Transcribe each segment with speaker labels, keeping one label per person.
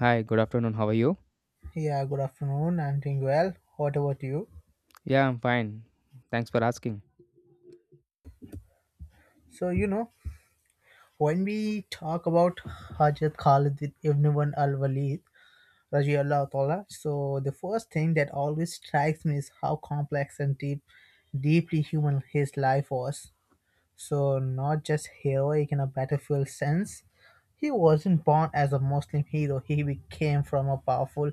Speaker 1: Hi, good afternoon. How are you?
Speaker 2: Yeah, good afternoon. I'm doing well. What about you?
Speaker 1: Yeah, I'm fine. Thanks for asking.
Speaker 2: So, you know, when we talk about Hajat Khalid with Ibn Wan Al Walid, Rajiallah Ta'ala, so the first thing that always strikes me is how complex and deeply human his life was. So, not just heroic in a battlefield sense, he wasn't born as a Muslim hero. He became from a powerful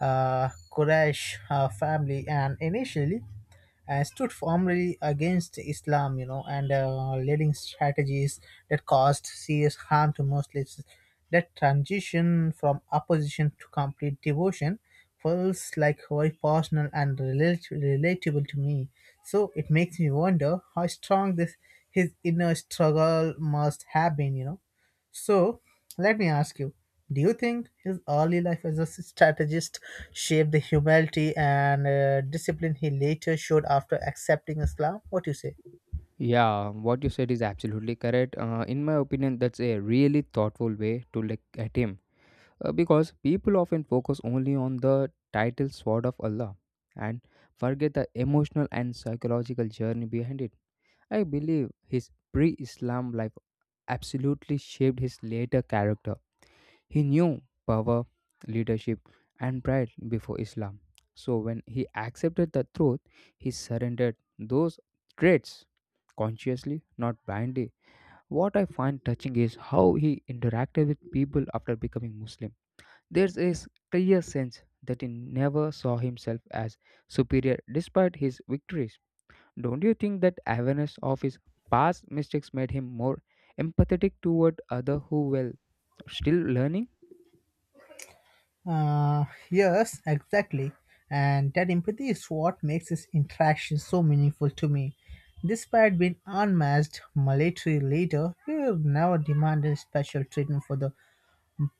Speaker 2: Quraysh family, and initially stood firmly against Islam, you know, and leading strategies that caused serious harm to Muslims. That transition from opposition to complete devotion feels like very personal and relatable to me. So it makes me wonder how strong this his inner struggle must have been, you know. So let me ask you, do you think his early life as a strategist shaped the humility and discipline he later showed after accepting Islam? What do you say?
Speaker 1: Yeah, what you said is absolutely correct. In my opinion, that's a really thoughtful way to look at him because people often focus only on the title Sword of Allah and forget the emotional and psychological journey behind it. I believe his pre Islam life absolutely shaped his later character. He knew power, leadership, and pride before Islam. So when he accepted the truth, he surrendered those traits consciously, not blindly. What I find touching is how he interacted with people after becoming Muslim. There's a clear sense that he never saw himself as superior despite his victories. Don't you think that awareness of his past mistakes made him more empathetic toward others who were still learning?
Speaker 2: Yes, exactly. And that empathy is what makes this interaction so meaningful to me. Despite being unmatched military leader, he never demanded special treatment for the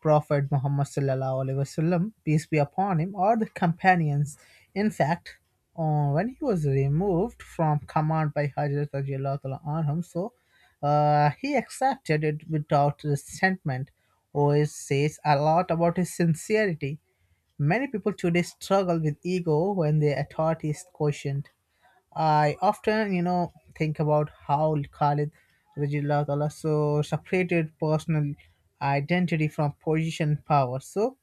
Speaker 2: Prophet Muhammad sallallahu alaihi wasallam, peace be upon him, or the companions. In fact, when he was removed from command by Hazrat radiallahu ta'ala anhum, so he accepted it without resentment. OS says a lot about his sincerity. Many people today struggle with ego when their authority is questioned. I often, you know, think about how Khalid Rajullah Ta'ala so separated personal identity from position and power. So,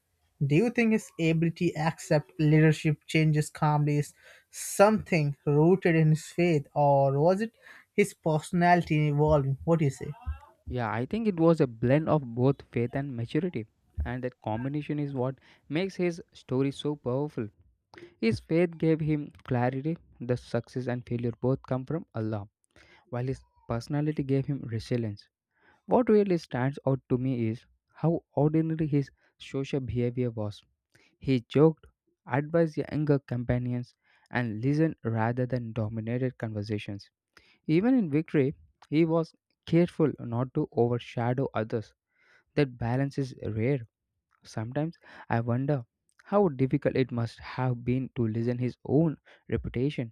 Speaker 2: do you think his ability to accept leadership changes calmly is something rooted in his faith, or was it his personality evolving? What do you say?
Speaker 1: Yeah, I think it was a blend of both faith and maturity. And that combination is what makes his story so powerful. His faith gave him clarity, the success and failure both come from Allah, while his personality gave him resilience. What really stands out to me is how ordinary his social behavior was. He joked, advised younger companions, and listened rather than dominated conversations. Even in victory, he was careful not to overshadow others. That balance is rare. Sometimes I wonder how difficult it must have been to listen his own reputation.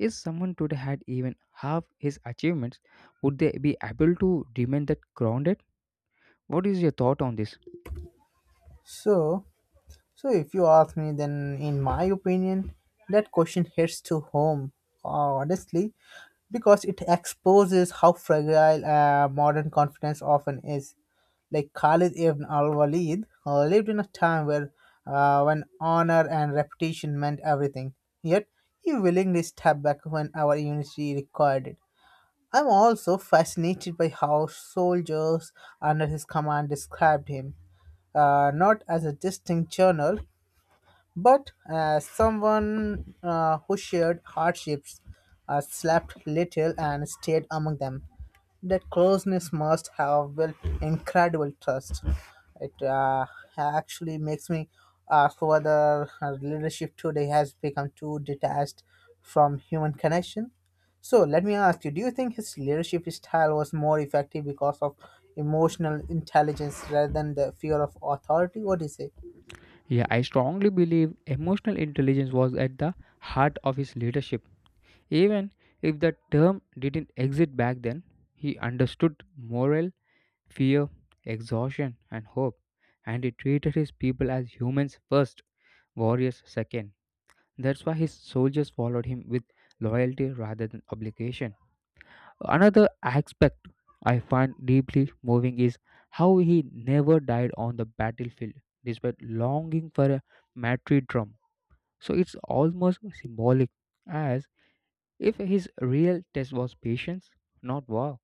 Speaker 1: If someone today had even half his achievements, would they be able to remain that grounded? What is your thought on this?
Speaker 2: So, So, if you ask me, then in my opinion, that question hits to home, honestly, because it exposes how fragile modern confidence often is. Like Khalid ibn al-Walid lived in a time where when honor and reputation meant everything. Yet he willingly stepped back when our unity required it. I'm also fascinated by how soldiers under his command described him, not as a distinct general, but as someone who shared hardships, slept little, and stayed among them. That closeness must have built incredible trust. It Actually, makes me ask whether leadership today has become too detached from human connection. So let me ask you: do you think his leadership style was more effective because of emotional intelligence rather than the fear of authority? What do you say?
Speaker 1: Yeah, I strongly believe emotional intelligence was at the heart of his leadership. Even if the term didn't exist back then, he understood moral, fear, exhaustion, and hope, and he treated his people as humans first, warriors second. That's why his soldiers followed him with loyalty rather than obligation. Another aspect I find deeply moving is how he never died on the battlefield despite longing for a martyrdom. So it's almost symbolic, as if his real test was patience, not war.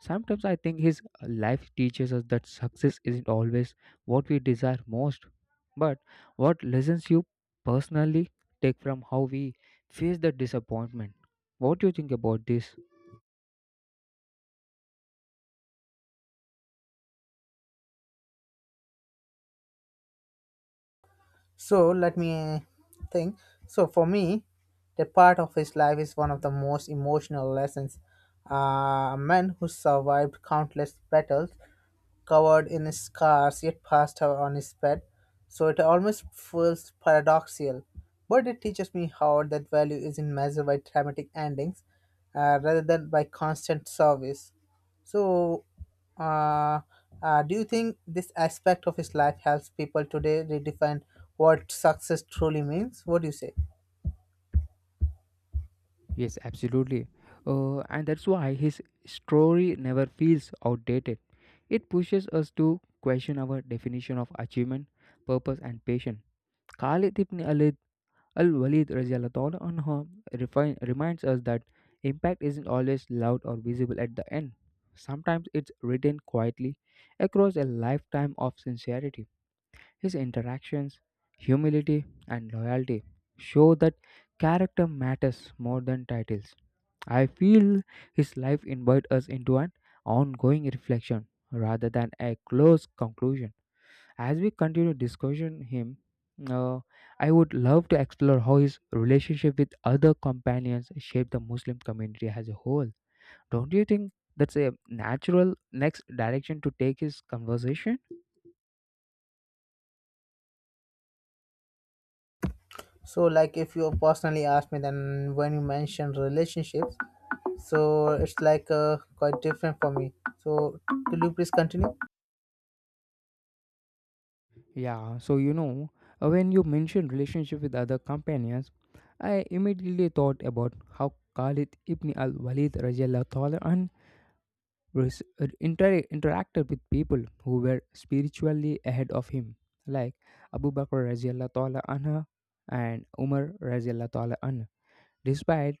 Speaker 1: Sometimes I think his life teaches us that success isn't always what we desire most, but what lessons you personally take from how we face the disappointment. What do you think about this?
Speaker 2: So let me think. So for me, that part of his life is one of the most emotional lessons. A man who survived countless battles, covered in scars, yet passed out on his bed. So it almost feels paradoxical. But it teaches me how that value isn't measured by dramatic endings rather than by constant service. So, uh, do you think this aspect of his life helps people today redefine what success truly means? What do you say?
Speaker 1: Yes, absolutely. And that's why his story never feels outdated. It pushes us to question our definition of achievement, purpose, and patience. Khalid ibn Alid al Walid anha refine, reminds us that impact isn't always loud or visible at the end. Sometimes it's written quietly across a lifetime of sincerity. His interactions, humility, and loyalty show that character matters more than titles. I feel his life invites us into an ongoing reflection rather than a close conclusion. As we continue discussing him, uh, I would love to explore how his relationship with other companions shaped the Muslim community as a whole. Don't you think that's a natural next direction to take his conversation?
Speaker 2: So, like, if you personally ask me, then when you mention relationships, so it's like quite different for me. So, could you please continue?
Speaker 1: Yeah, so when you mentioned relationship with other companions, I immediately thought about how Khalid ibn al-Walid res- interacted with people who were spiritually ahead of him, like Abu Bakr radiallahu ta'ala anha and Umar radiallahu ta'ala anha. Despite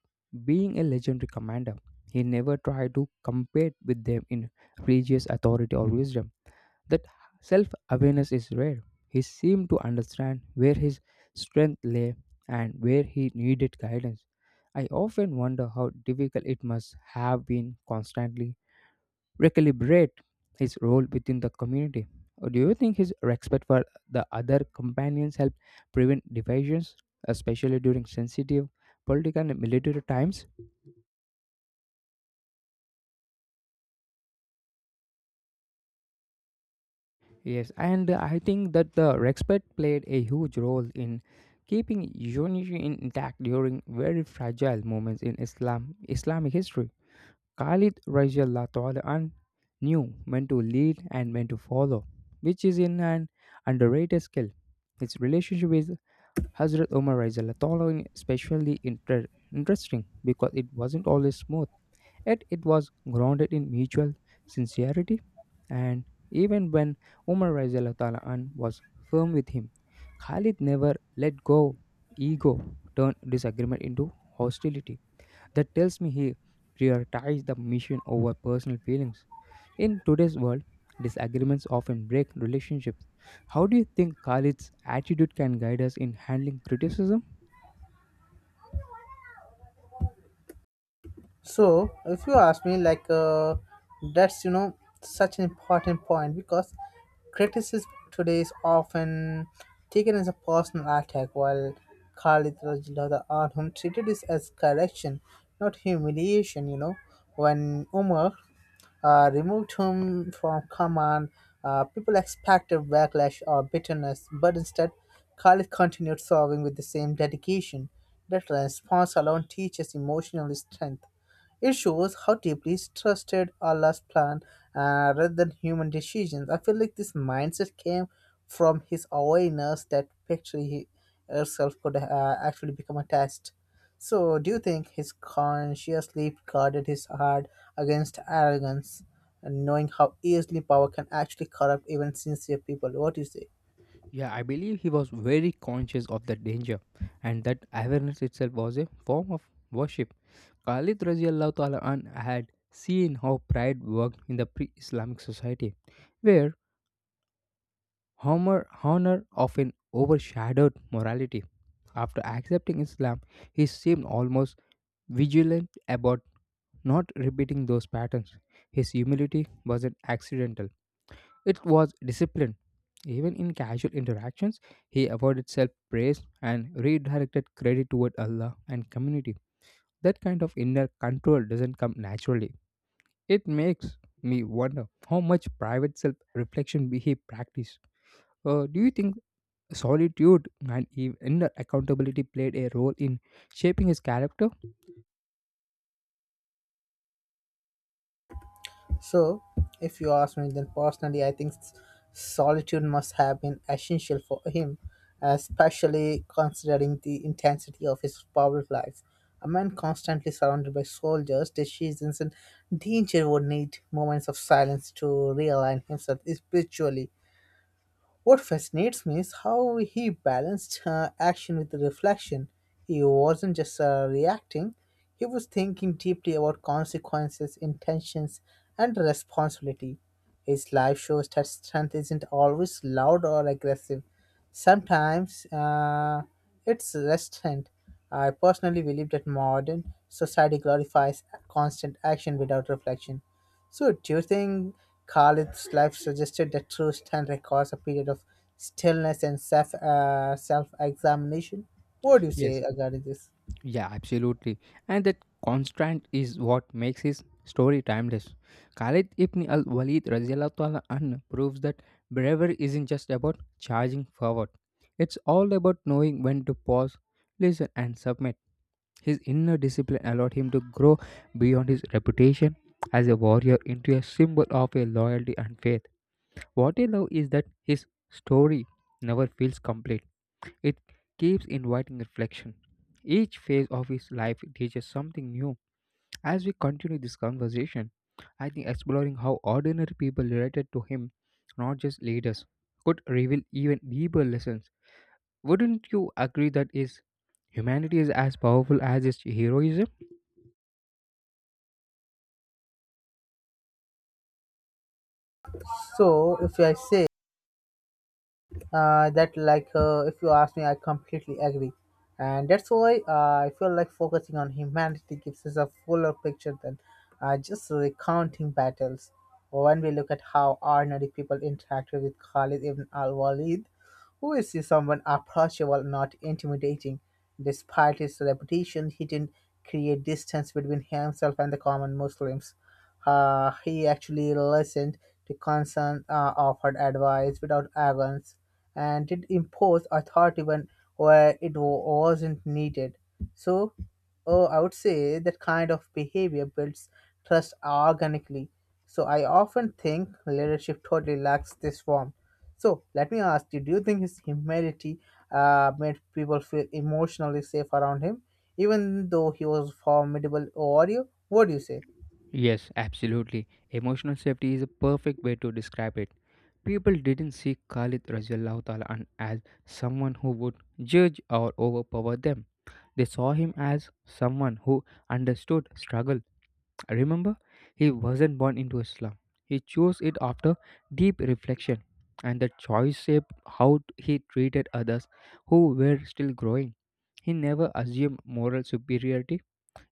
Speaker 1: being a legendary commander, he never tried to compete with them in religious authority or wisdom. That self awareness is rare. He seemed to understand where his strength lay and where he needed guidance. I often wonder how difficult it must have been constantly recalibrate his role within the community? Or do you think his respect for the other companions helped prevent divisions, especially during sensitive political and military times? Yes, and I think that the respect played a huge role in keeping unity intact during very fragile moments in Islamic history. Khalid Rajallah Ta'ala an knew when to lead and when to follow, which is in an underrated skill. His relationship with Hazrat Umar Rizal following especially interesting because it wasn't always smooth, yet it was grounded in mutual sincerity. And even when Umar Rizal was firm with him, Khalid never let go. Ego turned disagreement into hostility. That tells me he prioritized the mission over personal feelings. In today's world, disagreements often break relationships. How do you think Khalid's attitude can guide us in handling criticism?
Speaker 2: So, if you ask me, that's you know such an important point because criticism today is often taken as a personal attack, while Khalid Rajilada Anhum treated this as correction, not humiliation. You know, when Umar removed him from command, people expected backlash or bitterness, but instead, Khalid continued serving with the same dedication. That response alone teaches emotional strength. It shows how deeply trusted Allah's plan rather than human decisions. I feel like this mindset came from his awareness that victory herself could actually become a test. So, do you think his consciously guarded his heart against arrogance, and knowing how easily power can actually corrupt even sincere people? What do you say?
Speaker 1: Yeah, I believe he was very conscious of the danger, and that awareness itself was a form of worship. Khalid Raziallahu Ta'ala an had seen how pride worked in the pre Islamic society, where honor often overshadowed morality. After accepting Islam, he seemed almost vigilant about not repeating those patterns. His humility wasn't accidental, it was discipline. Even in casual interactions, he avoided self praise and redirected credit toward Allah and community. That kind of inner control doesn't come naturally. It makes me wonder how much private self reflection he practiced. Do you think solitude and inner accountability played a role in shaping his character?
Speaker 2: So, if you ask me, then personally, I think solitude must have been essential for him, especially considering the intensity of his power life. A man constantly surrounded by soldiers, decisions, and danger would need moments of silence to realign himself spiritually. What fascinates me is how he balanced action with reflection. He wasn't just reacting, he was thinking deeply about consequences, intentions, and responsibility. His life shows that strength isn't always loud or aggressive. Sometimes it's restraint. I personally believe that modern society glorifies constant action without reflection. So, do you think Khalid's life suggested that true stand requires a period of stillness and self examination? What do you
Speaker 1: Yes,
Speaker 2: say regarding this?
Speaker 1: Yeah, absolutely. And that constant is what makes his story timeless. Khalid ibn al Walid an proves that bravery isn't just about charging forward, it's all about knowing when to pause, listen, and submit. His inner discipline allowed him to grow beyond his reputation as a warrior into a symbol of a loyalty and faith. What I love is that his story never feels complete it keeps inviting reflection. Each phase of his life teaches something new. As we continue this conversation, I think exploring how ordinary people related to him, not just leaders, could reveal even deeper lessons. Wouldn't you agree that his humanity is as powerful as his heroism?
Speaker 2: So, if I say that like If you ask me, I completely agree, and that's why I feel like focusing on humanity gives us a fuller picture than just recounting battles. When we look at how ordinary people interacted with Khalid ibn al-Walid, who is someone approachable, not intimidating, despite his reputation, he didn't create distance between himself and the common Muslims. He actually listened to concern, offered advice without arrogance, and did impose authority when where it wa- wasn't needed. So, oh, I would say that kind of behavior builds trust organically. So, I often think leadership totally lacks this form. So, let me ask you: do you think his humility made people feel emotionally safe around him, even though he was formidable warrior? What do you say?
Speaker 1: Yes, absolutely. Emotional safety is a perfect way to describe it. People didn't see Khalid Rajallahu Ta'ala as someone who would judge or overpower them. They saw him as someone who understood struggle. Remember, he wasn't born into a slum. He chose it after deep reflection, and the choice shaped how he treated others who were still growing. He never assumed moral superiority.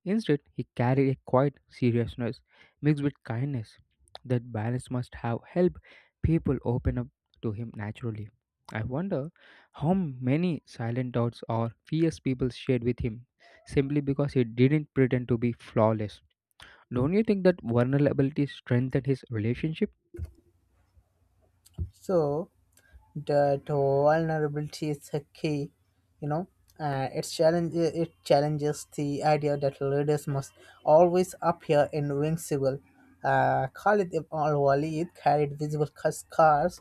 Speaker 1: Instead, he carried a quiet seriousness mixed with kindness. That balance must have helped people open up to him naturally. I wonder how many silent doubts or fears people shared with him simply because he didn't pretend to be flawless. Don't you think that vulnerability strengthened his relationship?
Speaker 2: So, that vulnerability is a key, you know. It challenges the idea that leaders must always appear invincible. Khalid ibn al-Walid carried visible scars,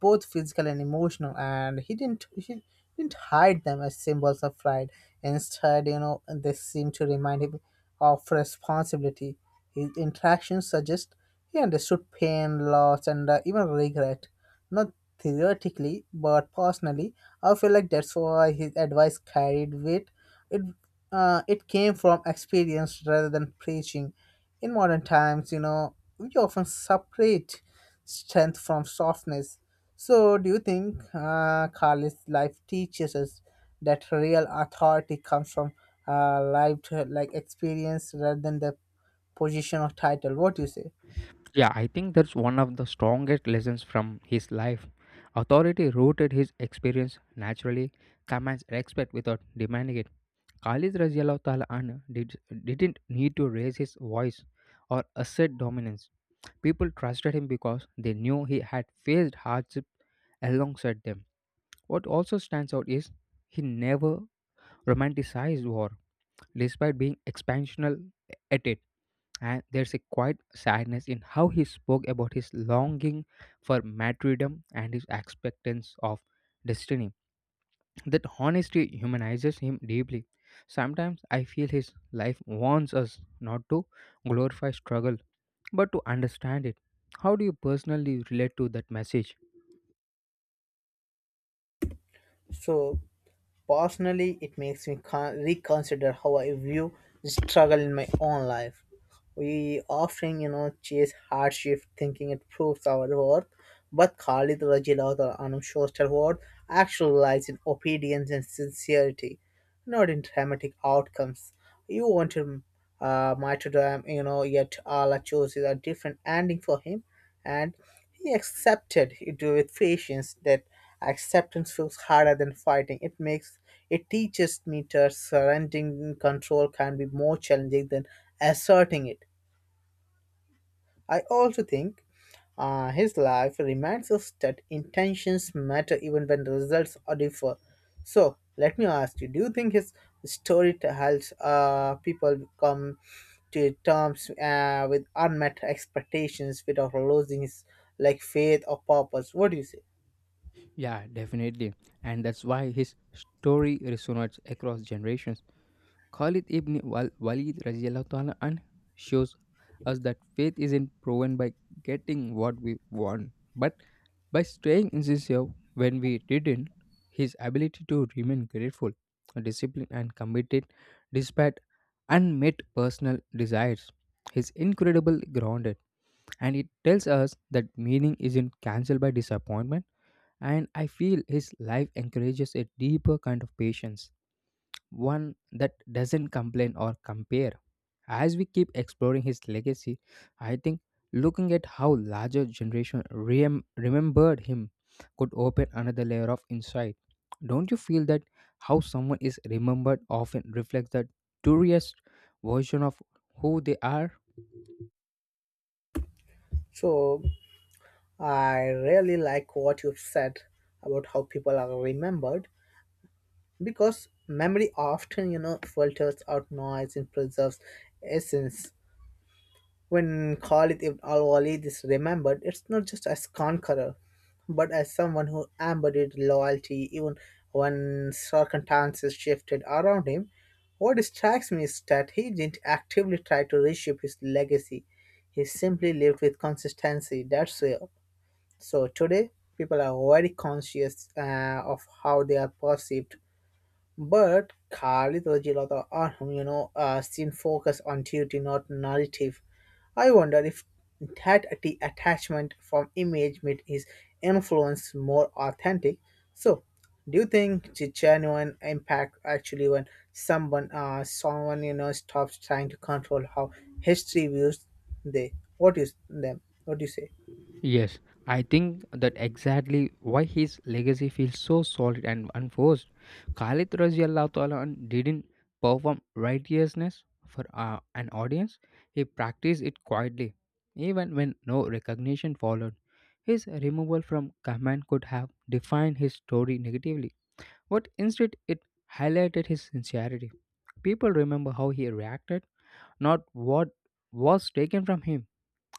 Speaker 2: both physical and emotional, and he didn't hide them as symbols of pride. Instead, you know, they seem to remind him of responsibility. His interactions suggest he understood pain, loss, and even regret, not theoretically, but personally. I feel like that's why his advice carried weight. It it came from experience rather than preaching. In modern times, you know, we often separate strength from softness. So, do you think Khalid's life teaches us that real authority comes from lived like experience rather than the position or title? What do you say?
Speaker 1: Yeah, I think that's one of the strongest lessons from his life. Authority rooted his experience naturally commands respect without demanding it. Khalid radiallahu ta'ala anhu didn't need to raise his voice or assert dominance. People trusted him because they knew he had faced hardship alongside them. What also stands out is he never romanticized war, despite being expansional at it. And there's a quiet sadness in how he spoke about his longing for martyrdom and his expectance of destiny. That honesty humanizes him deeply. Sometimes I feel his life warns us not to glorify struggle, but to understand it. How do you personally relate to that message?
Speaker 2: So, Personally, it makes me reconsider how I view struggle in my own life. We often, you know, chase hardship thinking it proves our worth, but Khalid Rajilat or Anum Shrestha's worth actually lies in obedience and sincerity, not in dramatic outcomes. You wanted martyrdom, you know, yet Allah chose a different ending for him, and he accepted it with patience. That acceptance feels harder than fighting. It teaches me that surrendering control can be more challenging than asserting it. I also think his life reminds us that intentions matter even when the results are differ. So let me ask you: do you think his story helps people come to terms with unmet expectations without losing his like faith or purpose? What do you say?
Speaker 1: Yeah, definitely. And that's why his story resonates across generations. Khalid ibn Walid radiallahu ta'ala and shows us that faith isn't proven by getting what we want, but by staying sincere when we didn't. His ability to remain grateful, disciplined, and committed despite unmet personal desires is incredible grounded, and it tells us that meaning isn't cancelled by disappointment. And I feel his life encourages a deeper kind of patience one that doesn't complain or compare. As we keep exploring his legacy, I think looking at how larger generation remembered him could open another layer of insight. Don't you feel that how someone is remembered often reflects the truest version of who they are?
Speaker 2: So I really like what you've said about how people are remembered, because memory often, you know, filters out noise and preserves essence. When Khalid Ibn al Walid is remembered, it's not just as conqueror, but as someone who embodied loyalty even when circumstances shifted around him. What strikes me is that he didn't actively try to reshape his legacy. He simply lived with consistency. That's real. So today, people are very conscious of how they are perceived. But Khalid Rajilata Arham, you know, seen focus on duty, not narrative. I wonder if that attachment from image made his influence more authentic. So, do you think the genuine impact actually when someone you know, stops trying to control how history views they, what is them? What do you say?
Speaker 1: Yes, I think that exactly why his legacy feels so solid and unforced. Khalid Raziallahu Ta'ala didn't perform righteousness for an audience, he practiced it quietly, even when no recognition followed. His removal from command could have defined his story negatively, but instead it highlighted his sincerity. People remember how he reacted, not what was taken from him.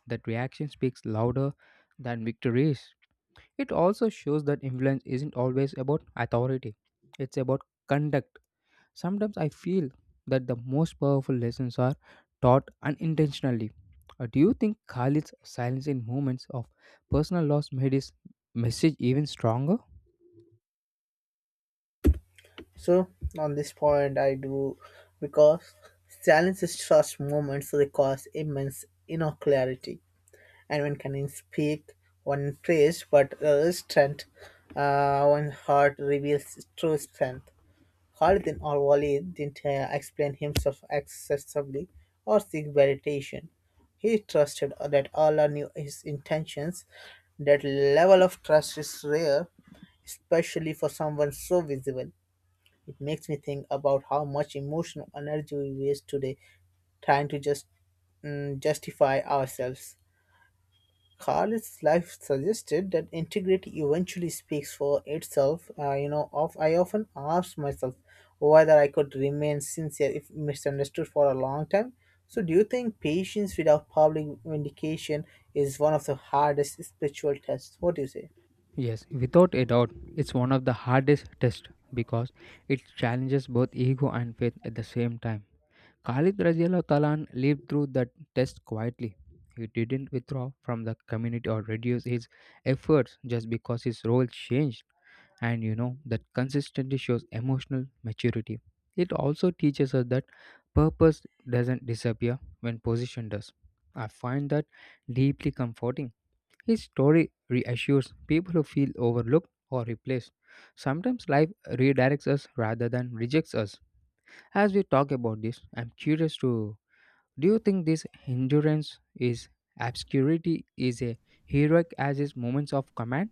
Speaker 1: That reaction speaks louder than victories. It also shows that influence isn't always about authority, it's about conduct. Sometimes I feel that the most powerful lessons are taught unintentionally. Do you think Khalid's silence in moments of personal loss made his message even stronger?
Speaker 2: So on this point, I do, because challenges such moments requires immense inner clarity, and one can speak one praise, but strength, one heart reveals true strength. Khalid or Walid didn't explain himself excessively or seek validation. He trusted that Allah knew his intentions. That level of trust is rare, especially for someone so visible. It makes me think about how much emotional energy we waste today trying to just justify ourselves. Carl's life suggested that integrity eventually speaks for itself. You know, of I often ask myself whether I could remain sincere if misunderstood for a long time. So, do you think patience without public vindication is one of the hardest spiritual tests? What do you say?
Speaker 1: Yes, without a doubt, it's one of the hardest tests because it challenges both ego and faith at the same time. Khalid Talan lived through that test quietly. He didn't withdraw from the community or reduce his efforts just because his role changed. And you know that consistency shows emotional maturity. It also teaches us that purpose doesn't disappear when position does. I find that deeply comforting his story reassures people who feel overlooked or replaced. Sometimes life redirects us rather than rejects us. As we talk about this, I'm curious to do you think this endurance is obscurity is a heroic as his moments of command?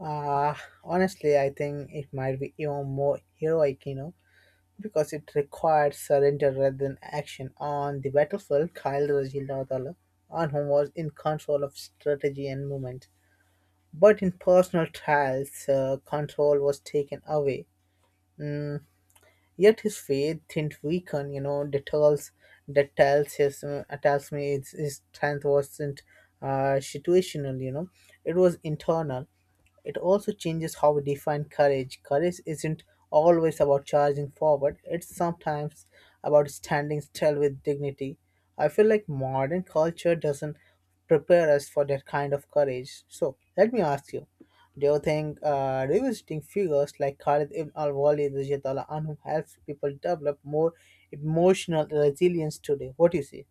Speaker 2: Uh, Honestly, I think it might be even more heroic, you know, because it required surrender rather than action. On the battlefield, Kyle Rajildala on whom was in control of strategy and movement. But in personal trials, control was taken away. Yet his faith didn't weaken, you know, that tells me his strength wasn't situational, you know, it was internal. It also changes how we define courage. Courage isn't always about charging forward, it's sometimes about standing still with dignity. I feel like modern culture doesn't prepare us for that kind of courage. So, let me ask you, do you think revisiting figures like Khalid ibn al Walid radiallahu anhu helps people develop more emotional resilience today? What do you see?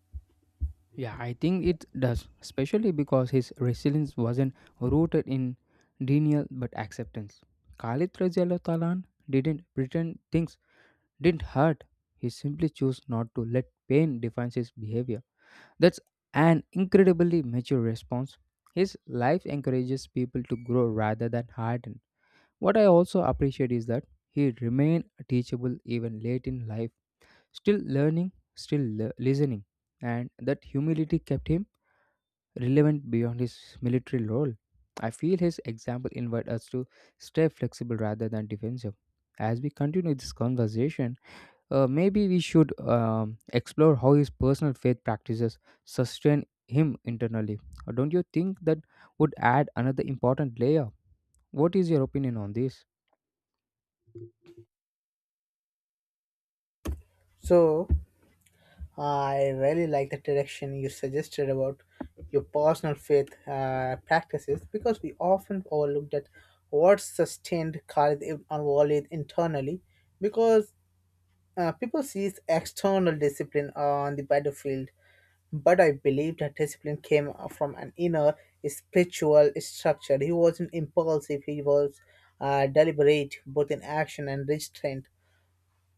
Speaker 1: Yeah, I think it does, especially because his resilience wasn't rooted in denial but acceptance. Khalid Talan didn't pretend things didn't hurt. He simply chose not to let pain define his behavior. That's an incredibly mature response. His life encourages people to grow rather than harden. What I also appreciate is that he remained teachable even late in life, still learning, still listening, and that humility kept him relevant beyond his military role. I feel his example invites us to stay flexible rather than defensive. As we continue this conversation, maybe we should explore how his personal faith practices sustain him internally. Don't you think that would add another important layer? What is your opinion on this?
Speaker 2: So, I really like the direction you suggested about your personal faith practices, because we often overlook that what sustained Khalid Ibn al-Walid internally, because people see external discipline on the battlefield, but I believe that discipline came from an inner spiritual structure. He wasn't impulsive, he was deliberate, both in action and restraint.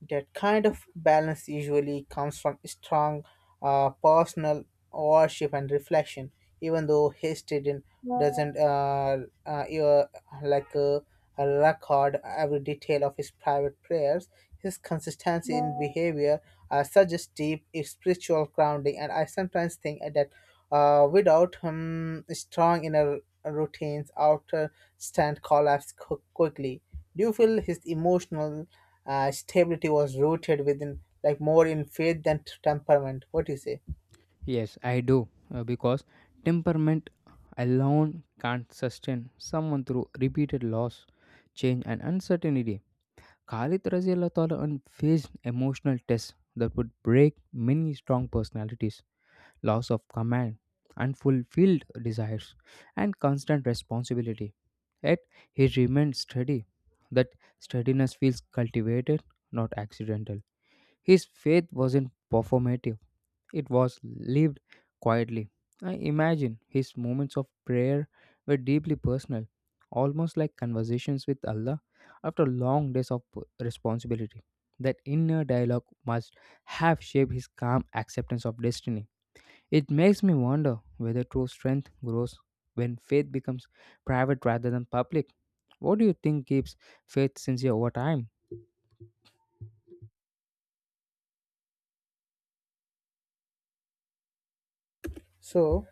Speaker 2: That kind of balance usually comes from strong personal worship and reflection, even though history didn't, doesn't you- like record every detail of his private prayers. His consistency in behavior suggests deep spiritual grounding, and I sometimes think that without him, strong inner routines, outer stand collapse quickly. Do you feel his emotional stability was rooted within, like more in faith than temperament? What do you say?
Speaker 1: Yes, I do, because temperament alone can't sustain someone through repeated loss, change, and uncertainty. Khalid Raziallah faced emotional tests that would break many strong personalities. Loss of command, unfulfilled desires, and constant responsibility. Yet he remained steady. That steadiness feels cultivated, not accidental. His faith wasn't performative, it was lived quietly. I imagine his moments of prayer were deeply personal, almost like conversations with Allah after long days of responsibility. That inner dialogue must have shaped his calm acceptance of destiny. It makes me wonder whether true strength grows when faith becomes private rather than public. What do you think keeps faith sincere over time?
Speaker 2: So,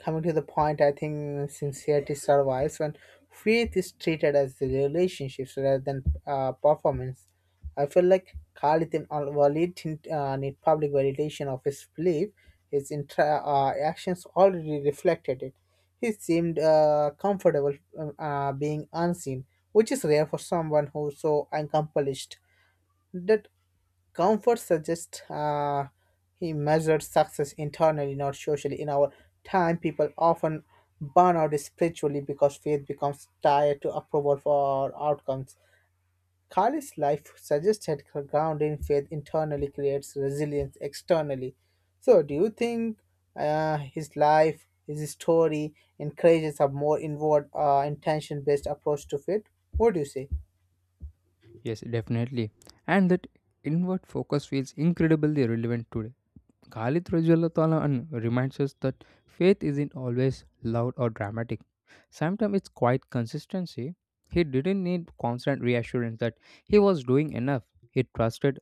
Speaker 2: coming to the point, I think sincerity survives when faith is treated as the relationships rather than performance. I feel like Khalithin al Walid didn't need public validation of his belief. His actions already reflected it. He seemed comfortable being unseen, which is rare for someone who's so accomplished. That comfort suggests he measured success internally, not socially. In our time, people often burn out spiritually because faith becomes tied to approval for outcomes. Kali's life suggested her grounding faith internally creates resilience externally. So, do you think his life, his story, encourages a more inward, intention-based approach to faith? What do you say?
Speaker 1: Yes, definitely. And that inward focus feels incredibly relevant today Khalid Rajulatalahan reminds us that faith isn't always loud or dramatic. Sometimes it's quite consistency. He didn't need constant reassurance that he was doing enough. He trusted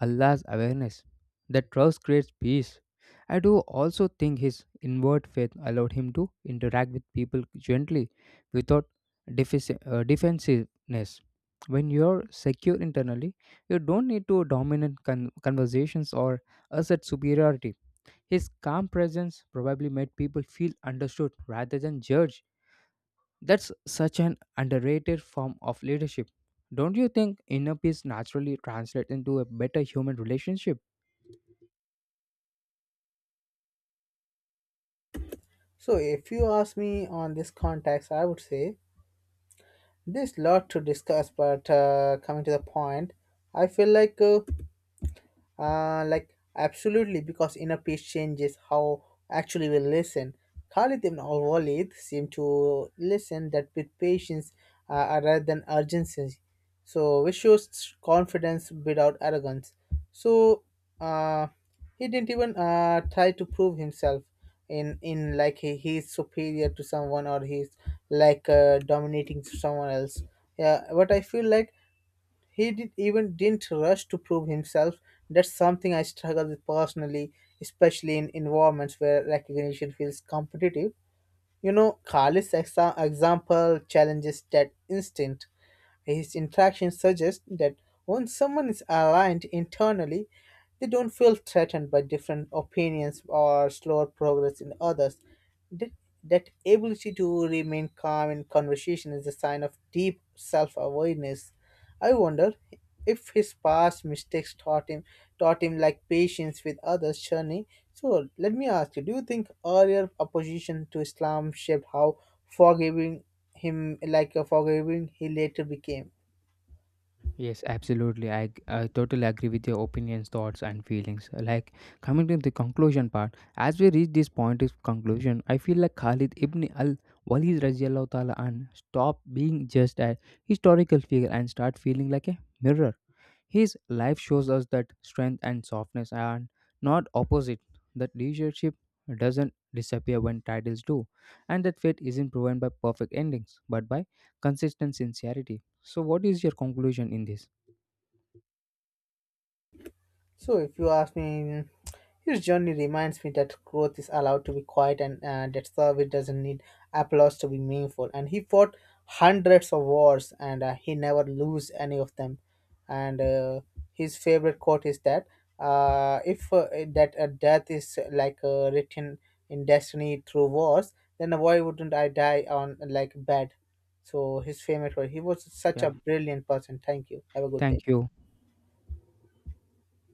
Speaker 1: Allah's awareness. That trust creates peace. I do also think his inward faith allowed him to interact with people gently without defensiveness. When you're secure internally, you don't need to dominate conversations or assert superiority. His calm presence probably made people feel understood rather than judged. That's such an underrated form of leadership. Don't you think inner peace naturally translates into a better human relationship?
Speaker 2: So, if you ask me on this context, I would say there's a lot to discuss, but coming to the point, I feel like uh, like absolutely, because inner peace changes how actually we listen. Khalid ibn al Walid seemed to listen that with patience rather than urgency. So, which shows confidence without arrogance. So, uh, he didn't even try to prove himself in like he is superior to someone, or he's like dominating someone else. Yeah, but I feel like he did, even didn't rush to prove himself. That's something I struggle with personally, especially in environments where recognition feels competitive. You know, Khalid's example challenges that instinct. His interaction suggests that when someone is aligned internally, they don't feel threatened by different opinions or slower progress in others. That, that ability to remain calm in conversation is a sign of deep self awareness. I wonder if his past mistakes taught him like patience with others journey. So let me ask you, do you think earlier opposition to Islam shaped how forgiving him like a forgiving he later became?
Speaker 1: Yes, absolutely. I totally agree with your opinions, thoughts, and feelings. Like coming to the conclusion part, as we reach this point of conclusion, I feel like Khalid ibn al Walid Rajiallahu Ta'ala and stop being just a historical figure and start feeling like a mirror his life shows us that strength and softness are not opposite, that leadership doesn't disappear when titles do, and that faith isn't proven by perfect endings, but by consistent sincerity. So, what is your conclusion in this?
Speaker 2: So, if you ask me, his journey reminds me that growth is allowed to be quiet, and that service doesn't need applause to be meaningful. And he fought hundreds of wars, and he never lose any of them. And his favorite quote is that if that death is like written in destiny through wars, then why wouldn't I die on like bed? So his favorite quote. He was such
Speaker 1: Yeah,
Speaker 2: a brilliant person. Thank you. Have a good day.
Speaker 1: thank you.